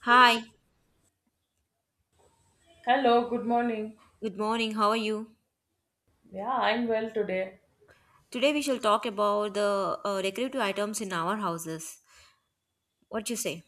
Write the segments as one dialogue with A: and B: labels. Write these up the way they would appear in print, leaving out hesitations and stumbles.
A: Hi,
B: Hello, good morning.
A: good morning. How are you?
B: Yeah, I'm well today.
A: Today we shall talk about the decorative items in our houses. What you say?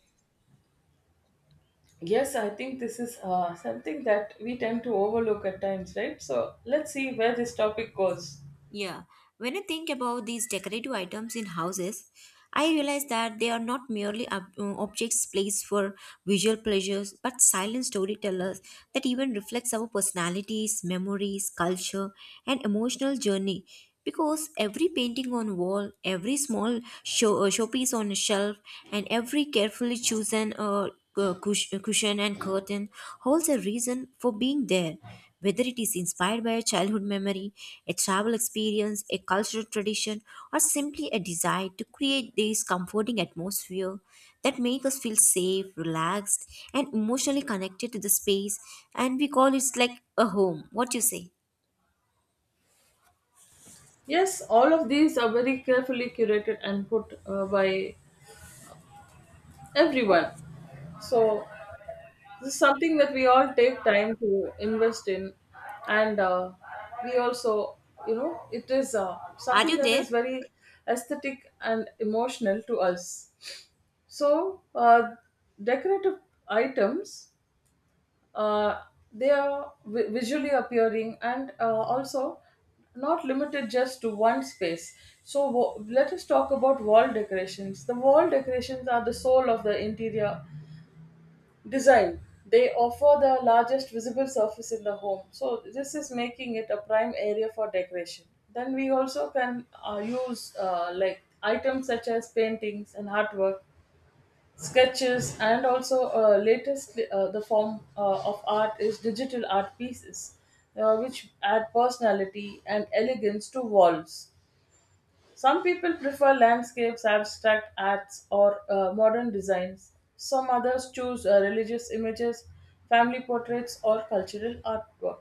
B: Yes, I think this is something that we tend to overlook at times, right? So let's see where this topic goes.
A: Yeah, when I think about these decorative items in houses, I realize that they are not merely objects placed for visual pleasures, but silent storytellers that even reflects our personalities, memories, culture, and emotional journey. Because every painting on wall, every small showpiece on a shelf, and every carefully chosen cushion and curtain holds a reason for being there whether it is inspired by a childhood memory, a travel experience, a cultural tradition, or simply a desire to create this comforting atmosphere that make us feel safe, relaxed, and emotionally connected to the space, and we call it like a home. What you say?
B: Yes, all of these are very carefully curated and put by everyone. So this is something that we all take time to invest in, and we also, it is
A: Are
B: something
A: you
B: that
A: there?
B: is very aesthetic and emotional to us. So decorative items uh, they are visually appearing and also not limited just to one space. Let us talk about wall decorations. The wall decorations are the soul of the interior design. They offer the largest visible surface in the home. So, this is making it a prime area for decoration. Then, we also can use like items such as paintings and artwork sketches and also latest the form of art is digital art pieces which add personality and elegance to walls. Some people prefer landscapes, abstract arts, or modern designs. Some others choose religious images, family portraits, or cultural artwork.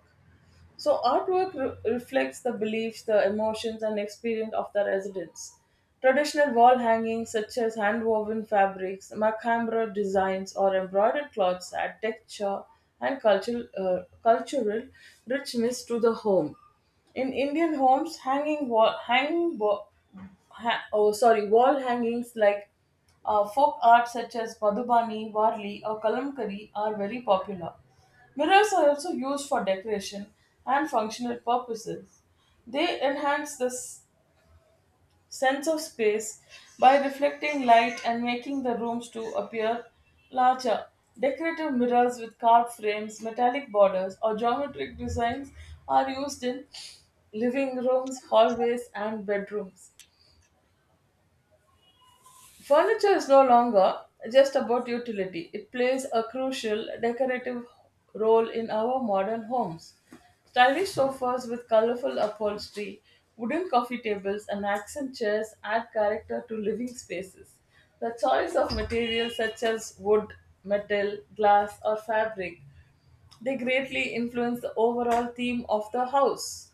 B: So, artwork reflects the beliefs, the emotions, and experience of the residents. Traditional wall hangings, such as hand woven fabrics, macabre designs, or embroidered cloths, add texture and cultural richness to the home. In Indian homes, hanging wall, hang, bo- ha- oh sorry, wall hangings like folk art such as Madhubani, Varli, or Kalamkari are very popular. Mirrors are also used for decoration and functional purposes. They enhance this sense of space by reflecting light and making the rooms to appear larger. Decorative mirrors with carved frames, metallic borders, or geometric designs are used in living rooms, hallways, and bedrooms. Furniture is no longer just about utility, it plays a crucial decorative role in our modern homes. Stylish sofas with colorful upholstery, wooden coffee tables, and accent chairs add character to living spaces. The choice of materials such as wood, metal, glass, or fabric, they greatly influence the overall theme of the house.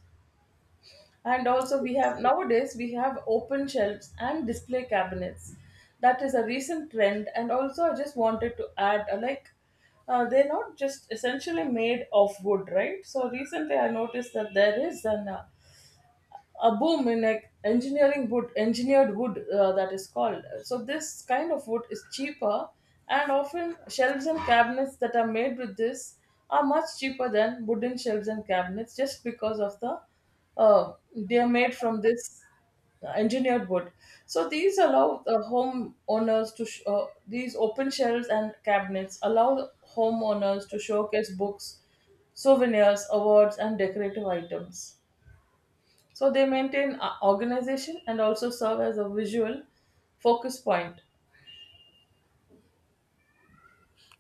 B: And also we have nowadays we have open shelves and display cabinets. That is a recent trend. And also I just wanted to add, they're not just essentially made of wood, right? So recently I noticed that there is an a boom in like engineering wood engineered wood, that is called. So this kind of wood is cheaper, and often shelves and cabinets that are made with this are much cheaper than wooden shelves and cabinets, just because of the they are made from this engineered wood. So these allow the home owners to sh- these open shelves and cabinets allow homeowners to showcase books, souvenirs, awards, and decorative items. So they maintain organization and also serve as a visual focus point.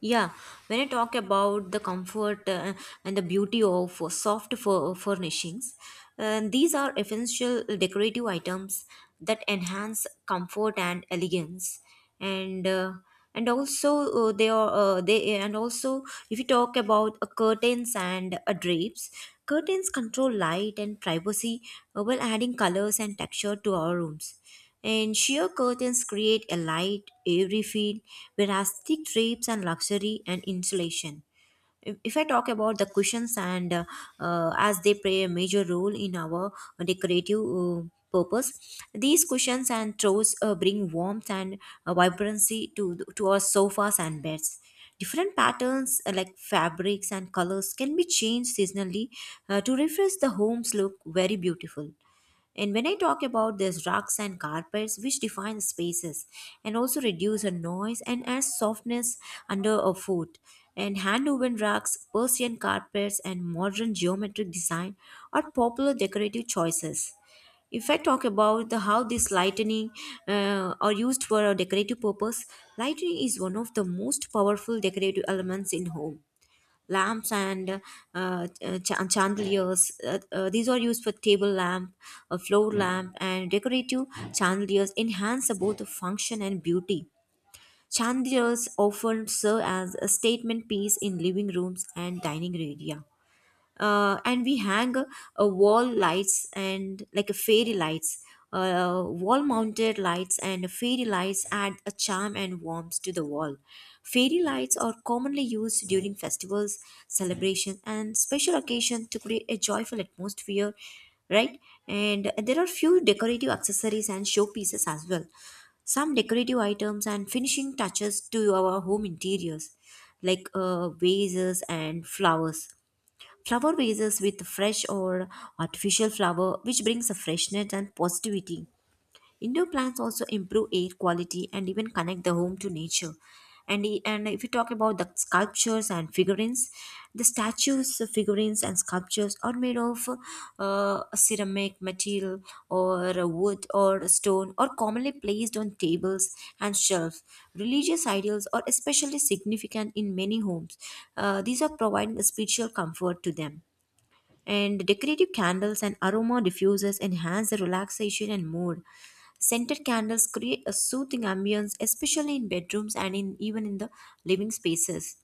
A: Yeah, when I talk about the comfort and the beauty of soft furnishings, these are essential decorative items that enhance comfort and elegance, and uh, and also they are they and also if you talk about curtains and drapes, curtains control light and privacy while adding colors and texture to our rooms. And sheer curtains create a light, airy feel, whereas thick drapes and luxury and insulation. If I talk about the cushions and as they play a major role in our decorative purpose, these cushions and throws bring warmth and vibrancy to to our sofas and beds. Different patterns like fabrics and colors can be changed seasonally to refresh the home's look very beautiful. And when I talk about these rugs and carpets, which define spaces and also reduce a noise and add softness under a foot, and hand woven rugs, Persian carpets, and modern geometric design are popular decorative choices. If I talk about the how this lightning are used for a decorative purpose, lightning is one of the most powerful decorative elements in home lamps and uh, chandeliers. These are used for table lamp, a floor lamp, and decorative chandeliers enhance both the function and beauty. Chandeliers often serve as a statement piece in living rooms and dining area and we hang a wall lights and like a fairy lights, wall mounted lights and fairy lights add a charm and warmth to the wall. Fairy lights are commonly used during festivals, celebrations, and special occasions to create a joyful atmosphere, right. And there are few decorative accessories and showpieces as well, some decorative items and finishing touches to our home interiors like vases and flowers. Flower vases with fresh or artificial flower, which brings a freshness and positivity. Indoor plants also improve air quality and even connect the home to nature. And if you talk about the sculptures and figurines, the statues, figurines, and sculptures are made of ceramic material or wood or stone or commonly placed on tables and shelves. Religious ideals are especially significant in many homes. These are providing a spiritual comfort to them and decorative candles and aroma diffusers enhance the relaxation and mood. Scented candles create a soothing ambience, especially in bedrooms and in even in the living spaces.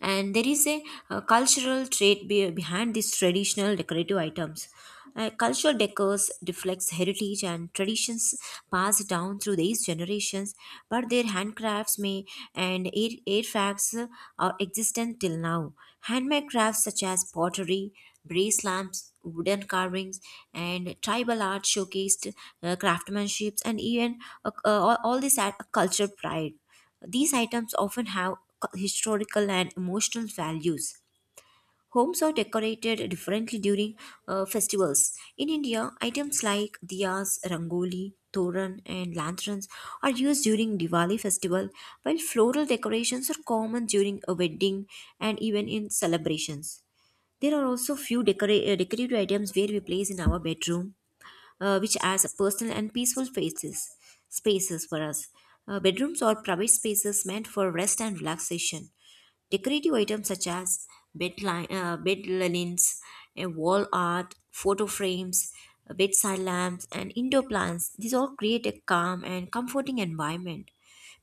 A: And there is a, cultural behind these traditional decorative items. Culture decors reflects heritage and traditions passed down through these generations, but their handcrafts may and air, artifacts are existent till now. Handmade crafts such as pottery, brass lamps, wooden carvings, and tribal art showcased craftsmanships and even all this at a culture pride. These items often have historical and emotional values. Homes are decorated differently during festivals. In India, items like diyas, rangoli, toran, and lanterns are used during Diwali festival, while floral decorations are common during a wedding and even in celebrations. There are also few decorative items where we place in our bedroom, which as personal and peaceful spaces, spaces for us. Bedrooms or private spaces meant for rest and relaxation. Decorative items such as bed linens, wall art, photo frames, bedside lamps, and indoor plants. These all create a calm and comforting environment.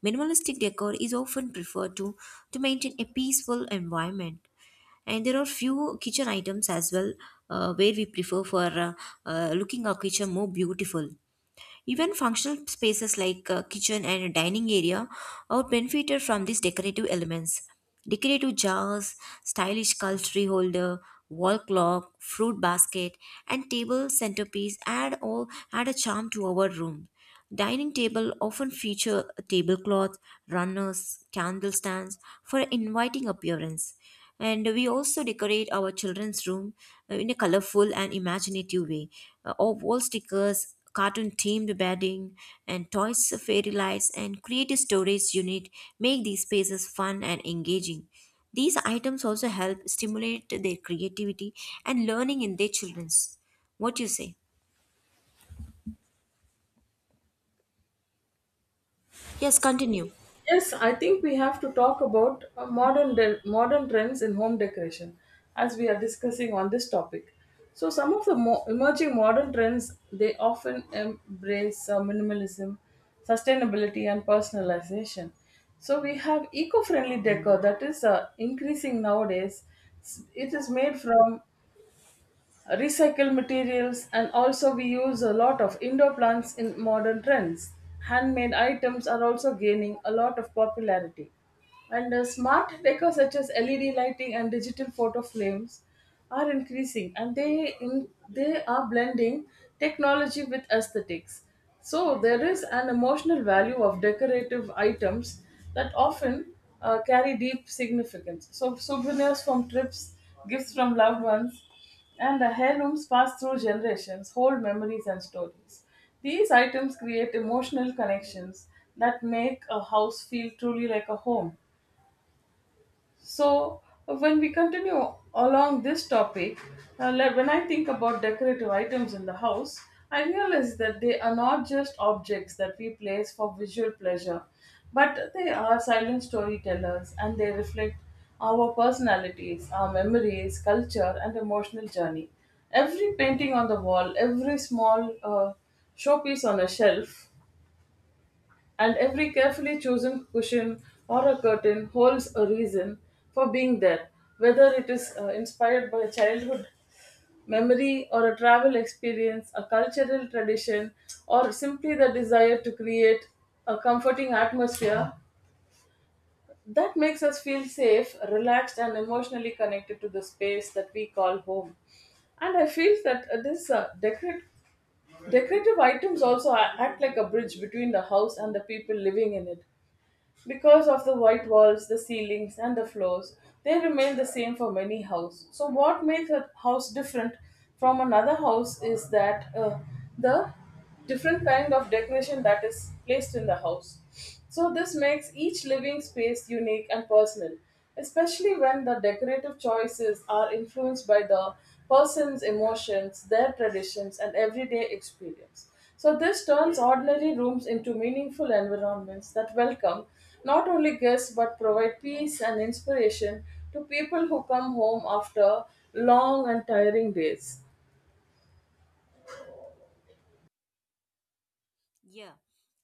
A: Minimalistic decor is often preferred to maintain a peaceful environment. And there are few kitchen items as well, where we prefer for looking our kitchen more beautiful. Even functional spaces like kitchen and dining area are benefited from these decorative elements. Decorative jars, stylish cutlery holder, wall clock, fruit basket, and table centerpiece add all add a charm to our room. Dining table often feature tablecloths, runners, candle stands for an inviting appearance. And we also decorate our children's room in a colorful and imaginative way. Or wall stickers, cartoon themed bedding, and toys, fairy lights, and creative storage unit make these spaces fun and engaging. These items also help stimulate their creativity and learning in their children's. What do you say? Yes, continue.
B: Yes, I think we have to talk about modern trends in home decoration, as we are discussing on this topic. So some of the emerging modern trends, they often embrace minimalism, sustainability, and personalization. So we have eco-friendly decor that is increasing nowadays. It is made from recycle materials, and also we use a lot of indoor plants in modern trends. Handmade items are also gaining a lot of popularity, and smart decor such as led lighting and digital photo frames are increasing, and they are blending technology with aesthetics. So there is an emotional value of decorative items that often carry deep significance. So souvenirs from trips, gifts from loved ones, and the heirlooms passed through generations hold memories and stories. These items create emotional connections that make a house feel truly like a home. So, when we continue along this topic, like when I think about decorative items in the house, I realize that they are not just objects that we place for visual pleasure, but they are silent storytellers, and they reflect our personalities, our memories, culture, and emotional journey. Every painting on the wall, every small showpiece on a shelf, and every carefully chosen cushion or a curtain holds a reason for being there, whether it is inspired by childhood memory or a travel experience, a cultural tradition, or simply the desire to create a comforting atmosphere that makes us feel safe, relaxed, and emotionally connected to the space that we call home. And I feel that decorative items also act like a bridge between the house and the people living in it, because of the white walls, the ceilings, and the floors, they remain the same for many houses. So, what makes a house different from another house is that the different kind of decoration that is placed in the house. So, this makes each living space unique and personal, especially when the decorative choices are influenced by the person's emotions, their traditions, and everyday experience. So, this turns ordinary rooms into meaningful environments that welcome not only guests but provide peace and inspiration to people who come home after long and tiring days.
A: Yeah,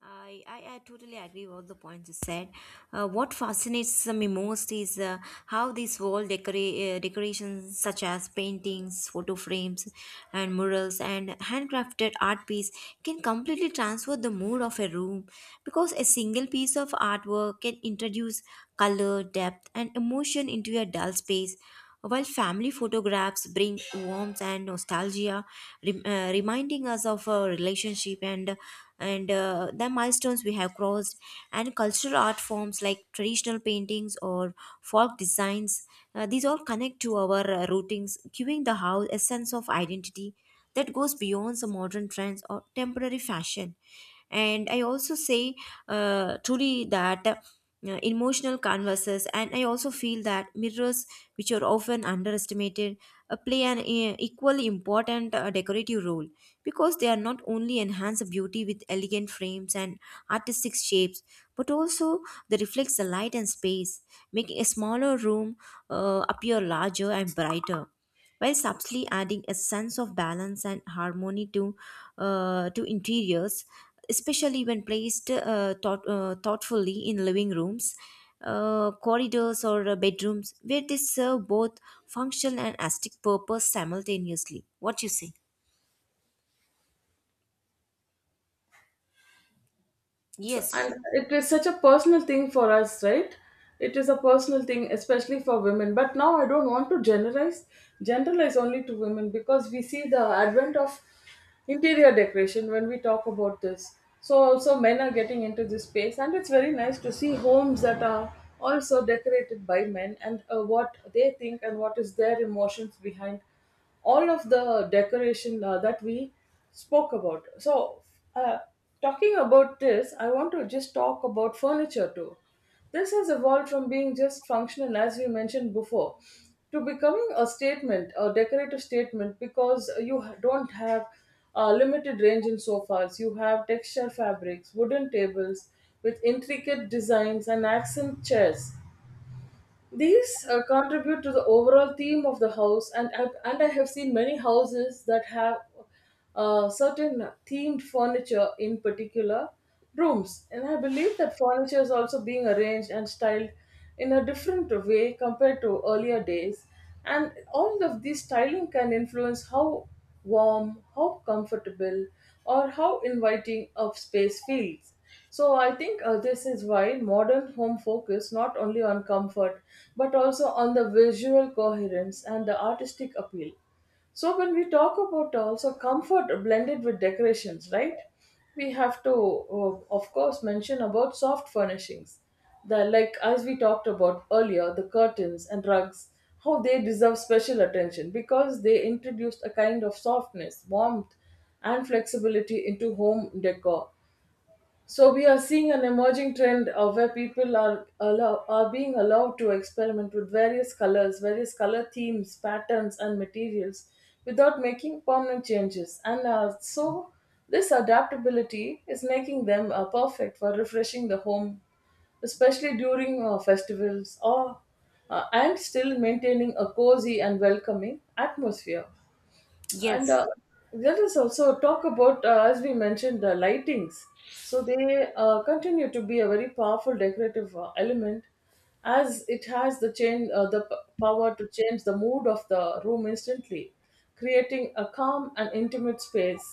A: I totally agree with all the points you said. What fascinates me most is how these wall decorations, such as paintings, photo frames, and murals, and handcrafted art piece, can completely transfer the mood of a room because a single piece of artwork can introduce color, depth, and emotion into a dull space. While family photographs bring warmth and nostalgia, reminding us of our relationship and the milestones we have crossed and cultural art forms like traditional paintings or folk designs, these all connect to our routings, giving the house a sense of identity that goes beyond the modern trends or temporary fashion. And I also say truly that emotional canvases, and I also feel that mirrors, which are often underestimated, play an equally important decorative role, because they are not only enhance the beauty with elegant frames and artistic shapes, but also they reflects the light and space, making a smaller room appear larger and brighter, while subtly adding a sense of balance and harmony to interiors, especially when placed thoughtfully in living rooms, corridors, or bedrooms where they serve both functional and aesthetic purpose simultaneously. What you say? Yes.
B: And it is such a personal thing for us, right? It is a personal thing, especially for women, but now I don't want to generalize only to women, because we see the advent of interior decoration when we talk about this. So also men are getting into this space, and it's very nice to see homes that are also decorated by men, and what they think and what is their emotions behind all of the decoration that we spoke about. So, uh, talking about this, I want to just talk about furniture too. This has evolved from being just functional, as we mentioned before, to becoming a statement, a decorative statement, because you don't have a limited range in sofas. You have texture fabrics, wooden tables with intricate designs, and accent chairs. These contribute to the overall theme of the house, and I have seen many houses that have certain themed furniture in particular rooms, and I believe that furniture is also being arranged and styled in a different way compared to earlier days, and all of these styling can influence how warm, how comfortable, or how inviting a space feels. So I think this is why modern home focus not only on comfort but also on the visual coherence and the artistic appeal. So when we talk about also comfort blended with decorations, right? We have to, of course, mention about soft furnishings. The like as we talked about earlier, the curtains and rugs, how they deserve special attention because they introduced a kind of softness, warmth, and flexibility into home decor. So we are seeing an emerging trend of where are being allowed to experiment with various colors, various color themes, patterns, and materials without making permanent changes. And so this adaptability is making them perfect for refreshing the home, especially during festivals or and still maintaining a cozy and welcoming atmosphere. And
A: Yes,
B: uh, let us also talk about, as we mentioned, the lightings. So they continue to be a very powerful decorative element, as it has the power to change the mood of the room instantly, creating a calm and intimate space,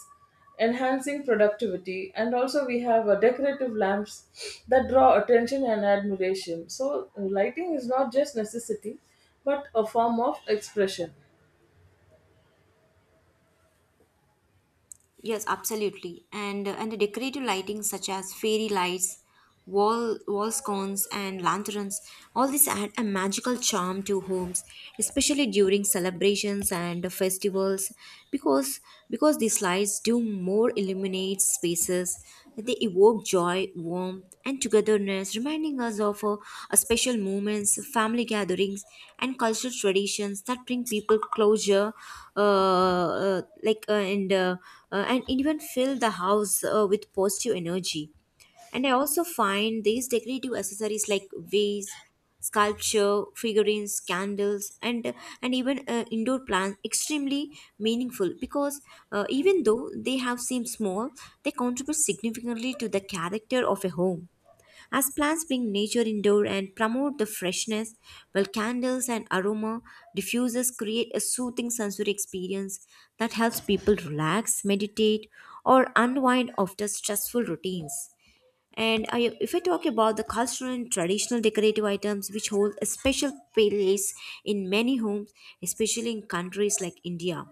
B: enhancing productivity. And also, we have decorative lamps that draw attention and admiration. So lighting is not just necessity, but a form of expression.
A: yes, absolutely. And the decorative lighting such as fairy lights, wall scones and lanterns, all these add a magical charm to homes, especially during celebrations and festivals, because these lights do more illuminate spaces. They evoke joy, warmth, and togetherness, reminding us of special moments, family gatherings, and cultural traditions that bring people closure, uh, uh, like uh, and uh, and even fill the house with positive energy. And I also find these decorative accessories like vase, sculpture, figurines, candles, and even indoor plants extremely meaningful, because even though they have seem small, they contribute significantly to the character of a home, as plants bring nature indoor and promote the freshness, while candles and aroma diffusers create a soothing sensory experience that helps people relax, meditate, or unwind after stressful routines. If I talk about the cultural and traditional decorative items, which hold a special place in many homes, especially in countries like India.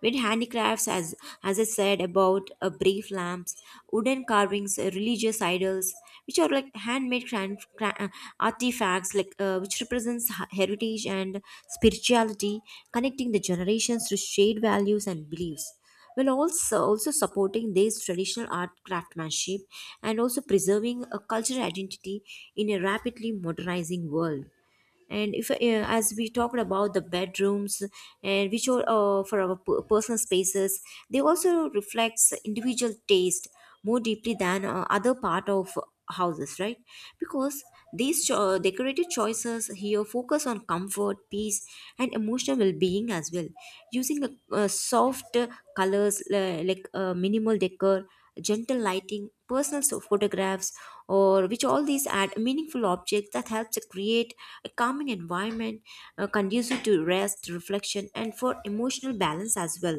A: With handicrafts, as I said about brief lamps, wooden carvings, religious idols, which are like handmade artifacts, like which represents heritage and spirituality, connecting the generations through shared values and beliefs. While also supporting this traditional art craftsmanship and also preserving a cultural identity in a rapidly modernizing world. And if as we talked about the bedrooms and which are for our personal spaces, they also reflects individual taste more deeply than other part of houses, right? Because these decorative choices here focus on comfort, peace, and emotional well-being as well, using a soft colors, minimal decor, gentle lighting, personal photographs, or which all these add meaningful objects that helps to create a calming environment, conducive to rest, reflection, and for emotional balance as well.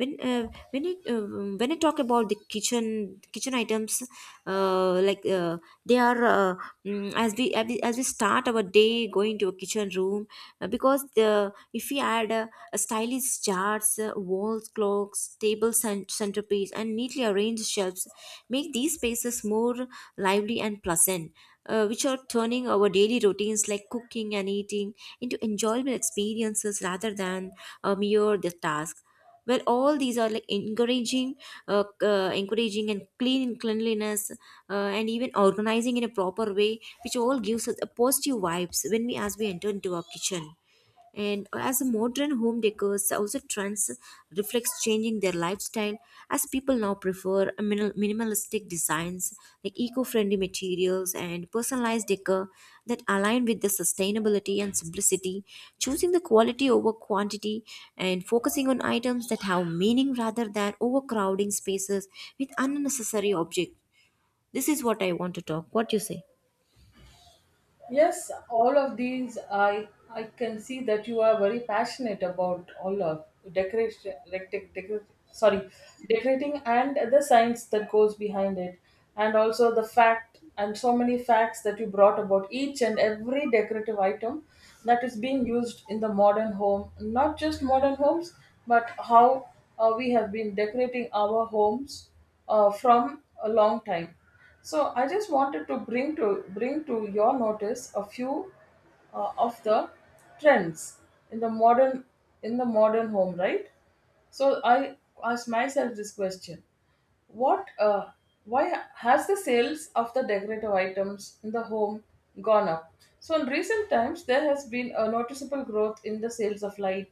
A: When uh, when it uh, when I talk about the kitchen items, uh, like uh, they are as we start our day going to a kitchen room, because the if we add a stylish jars, walls, clocks, table centerpiece, and neatly arranged shelves make these spaces more lively and pleasant, which are turning our daily routines like cooking and eating into enjoyable experiences rather than a mere the task. Well, all these are like uh, encouraging and cleanliness, and even organizing in a proper way, which all gives us a positive vibes when we as we enter into our kitchen. And as a modern home decors also trends reflects changing their lifestyle, as people now prefer a minimalistic designs like eco-friendly materials and personalized decor that align with the sustainability and simplicity, choosing the quality over quantity, and focusing on items that have meaning rather than overcrowding spaces with unnecessary objects. This is what I want to talk. What do you say?
B: Yes, all of these, I can see that you are very passionate about all of decoration, dec- dec- decor- sorry, decorating and the science that goes behind it, and also the fact and so many facts that you brought about each and every decorative item that is being used in the modern home, not just modern homes, but how we have been decorating our homes from a long time. So I just wanted to bring to your notice a few of the trends in the modern in the modern home, right? So I asked myself this question: What? Why has the sales of the decorative items in the home gone up? So in recent times, there has been a noticeable growth in the sales of light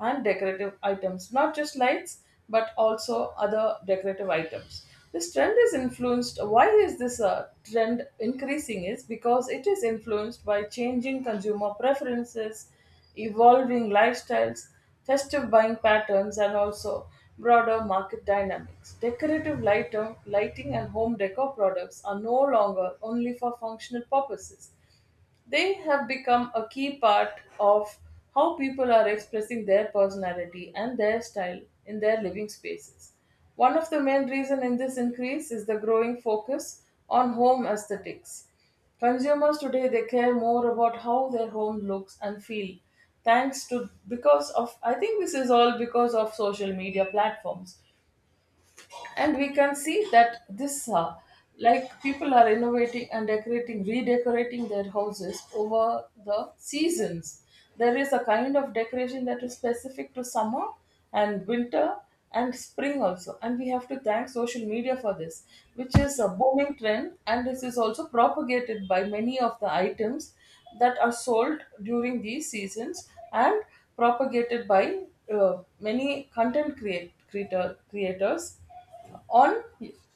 B: and decorative items, not just lights but also other decorative items. This trend is influenced. Why is this trend increasing? Is because it is influenced by changing consumer preferences, evolving lifestyles, festive buying patterns, and also broader market dynamics. Decorative lighter, lighting and home decor products are no longer only for functional purposes. They have become a key part of how people are expressing their personality and their style in their living spaces. One of the main reasons in this increase is the growing focus on home aesthetics. Consumers today they care more about how their home looks and feel thanks to because of I think this is all because of social media platforms, and we can see that this like people are innovating and decorating redecorating their houses over the seasons. There is a kind of decoration that is specific to summer and winter and spring also, and we have to thank social media for this, which is a booming trend, and this is also propagated by many of the items that are sold during these seasons, and propagated by many content creators on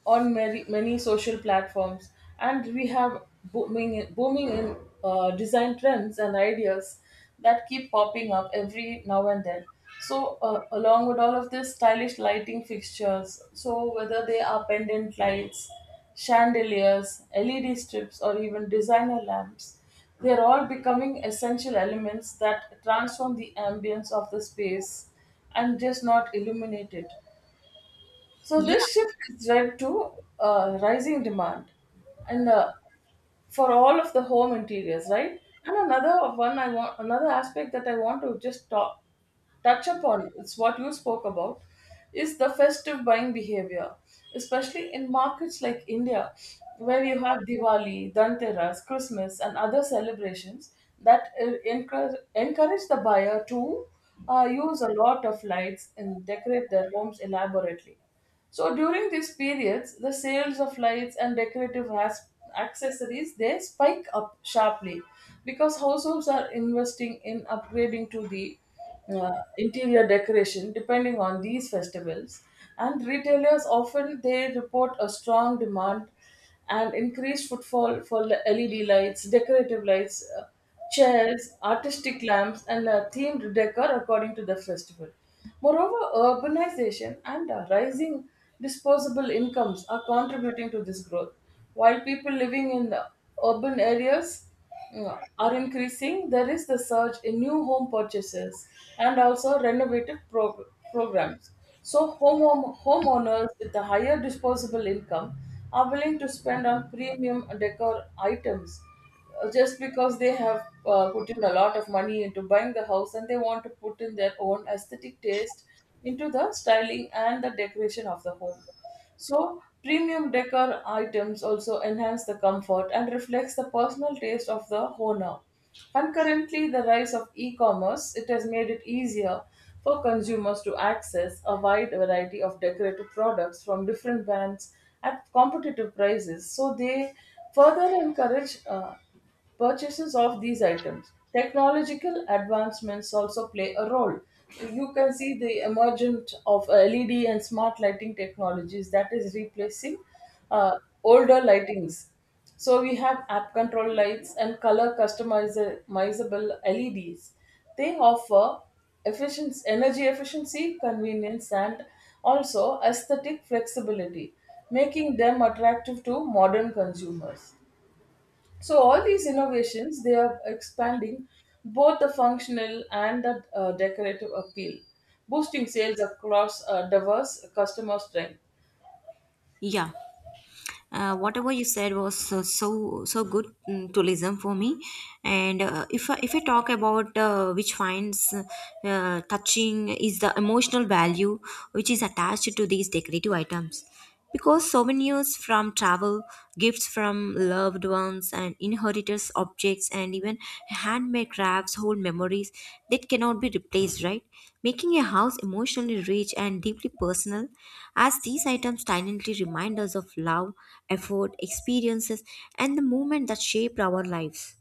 B: on many social platforms. And we have booming in design trends and ideas that keep popping up every now and then. So along with all of this, stylish lighting fixtures, so whether they are pendant lights, chandeliers, led strips, or even designer lamps, they're all becoming essential elements that transform the ambience of the space and just not illuminate it. So
A: yeah
B: this shift has led to rising demand, and for all of the home interiors, right? And another aspect that I want to just touch upon, it's what you spoke about, is the festive buying behavior, especially in markets like India, where you have Diwali, Dhanteras, Christmas, and other celebrations that encourage the buyer to use a lot of lights and decorate their homes elaborately. So during these periods, the sales of lights and decorative has- accessories they spike up sharply because households are investing in upgrading to the uh, interior decoration depending on these festivals, and retailers often they report a strong demand and increased footfall for LED lights, decorative lights, chairs, artistic lamps, and themed decor according to the festival. Moreover, urbanization and rising disposable incomes are contributing to this growth. While people living in urban areas are increasing, there is the surge in new home purchases and also programs. So, homeowners with a higher disposable income are willing to spend on premium decor items, just because they have put in a lot of money into buying the house, and they want to put in their own aesthetic taste into the styling and the decoration of the home. So premium decor items also enhance the comfort and reflects the personal taste of the owner. Concurrently, the rise of e-commerce, it has made it easier for consumers to access a wide variety of decorative products from different brands at competitive prices. So they further encourage purchases of these items. Technological advancements also play a role. You can see the emergence of LED and smart lighting technologies that is replacing uh, older lightings. So we have app control lights and color customizable LEDs. They offer efficiency, energy efficiency, convenience, and also aesthetic flexibility, making them attractive to modern consumers. So all these innovations, they are expanding both the functional and the decorative appeal, boosting sales across diverse customer strength.
A: yeah Whatever you said was so good, to listen for me. And if I talk about, which finds touching is the emotional value which is attached to these decorative items, because souvenirs from travel, gifts from loved ones, and inherited objects, and even handmade crafts hold memories that cannot be replaced, right? Making a house emotionally rich and deeply personal, as these items silently remind us of love, effort, experiences, and the moment that shaped our lives.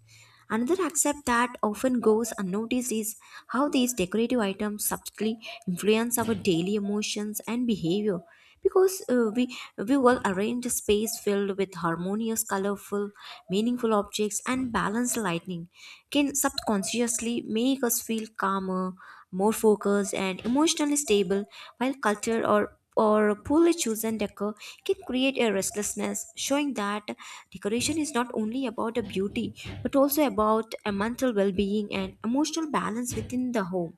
A: Another aspect that often goes unnoticed is how these decorative items subtly influence our daily emotions and behavior. Because we will arrange a space filled with harmonious, colorful, meaningful objects and balanced lighting can subconsciously make us feel calmer, more focused, and emotionally stable, while culture or poorly chosen decor can create a restlessness, showing that decoration is not only about a beauty but also about a mental well being and emotional balance within the home.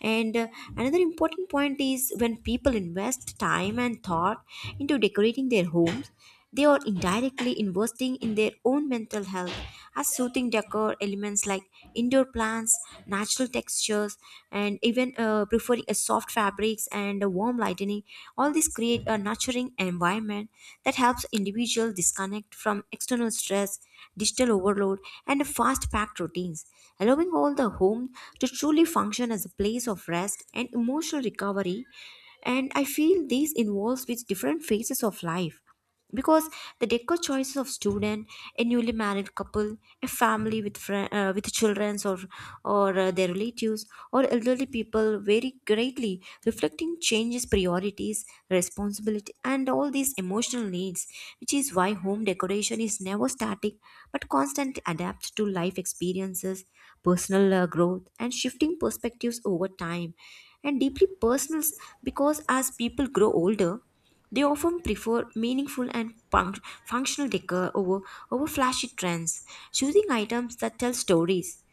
A: And Another important point is when people invest time and thought into decorating their homes, they are indirectly investing in their own mental health, as soothing decor elements like indoor plants, natural textures, and even preferring a soft fabrics and a warm lighting. All these create a nurturing environment that helps individuals disconnect from external stress, digital overload, and fast packed routines, allowing all the home to truly function as a place of rest and emotional recovery. And I feel this involves with different phases of life, because the decor choices of student, a newly married couple, a family with fri with children, or their relatives, or elderly people vary greatly, reflecting changes priorities, responsibility, and all these emotional needs, which is why home decoration is never static but constantly adapts to life experiences, personal growth, and shifting perspectives over time. And deeply personal because as people grow older, they often prefer meaningful and functional decor over flashy trends, choosing items that tell stories,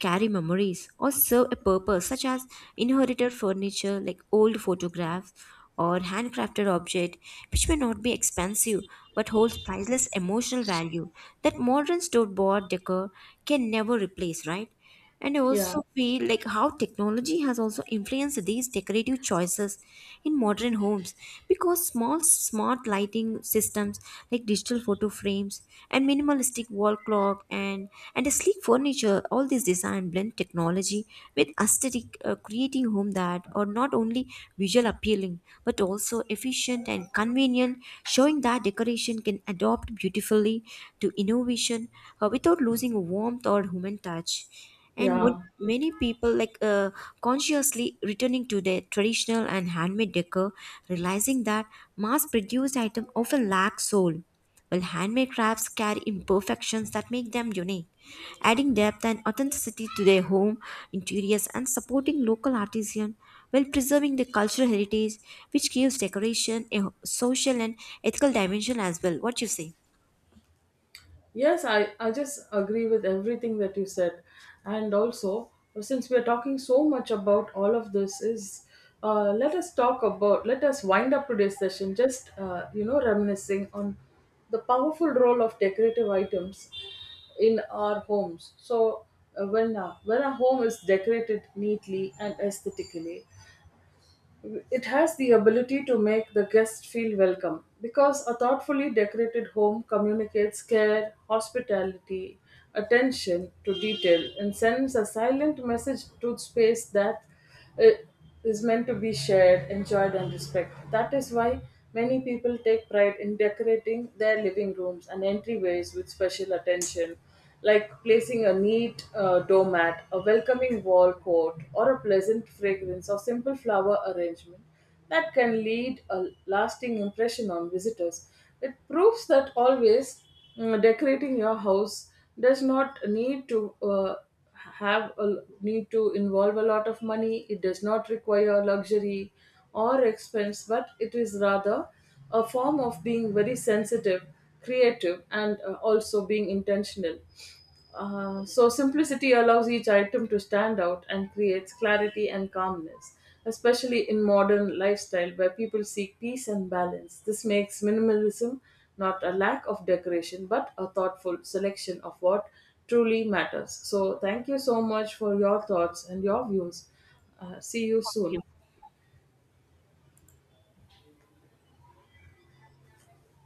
A: carry memories, or serve a purpose, such as inherited furniture like old photographs or handcrafted object, which may not be expensive but holds priceless emotional value that modern store bought decor can never replace, right? And I
B: Yeah,
A: also feel like how technology has also influenced these decorative choices in modern homes, because small smart lighting systems like digital photo frames and minimalistic wall clock, and a sleek furniture, all these design blend technology with aesthetic, creating home that are not only visual appealing but also efficient and convenient, showing that decoration can adapt beautifully to innovation, without losing warmth or human touch. And
B: yeah.
A: many people like consciously returning to their traditional and handmade decor, realizing that mass produced items often lack soul, while handmade crafts carry imperfections that make them unique, adding depth and authenticity to their home interiors, and supporting local artisans while preserving the cultural heritage, which gives decoration a social and ethical dimension as well. What you say?
B: Yes, I just agree with everything that you said. And also, since we are talking so much about all of this, is let us talk about, let us wind up today's session just, you know, reminiscing on the powerful role of decorative items in our homes. So, when a home is decorated neatly and aesthetically, it has the ability to make the guest feel welcome, because a thoughtfully decorated home communicates care, hospitality, attention to detail, and sends a silent message to space that uh, is meant to be shared, enjoyed, and respected. That is why many people take pride in decorating their living rooms and entryways with special attention, like placing a neat doormat, a welcoming wall coat, or a pleasant fragrance of simple flower arrangement that can lead a lasting impression on visitors. It proves that always decorating your house does not need to. Need to involve a lot of money. It does not require luxury or expense, but it is rather a form of being very sensitive, creative, and also being intentional. So simplicity allows each item to stand out and creates clarity and calmness, especially in modern lifestyle where people seek peace and balance. This makes minimalism not a lack of decoration but a thoughtful selection of what truly matters. So thank you so much for your thoughts and your views. See you soon.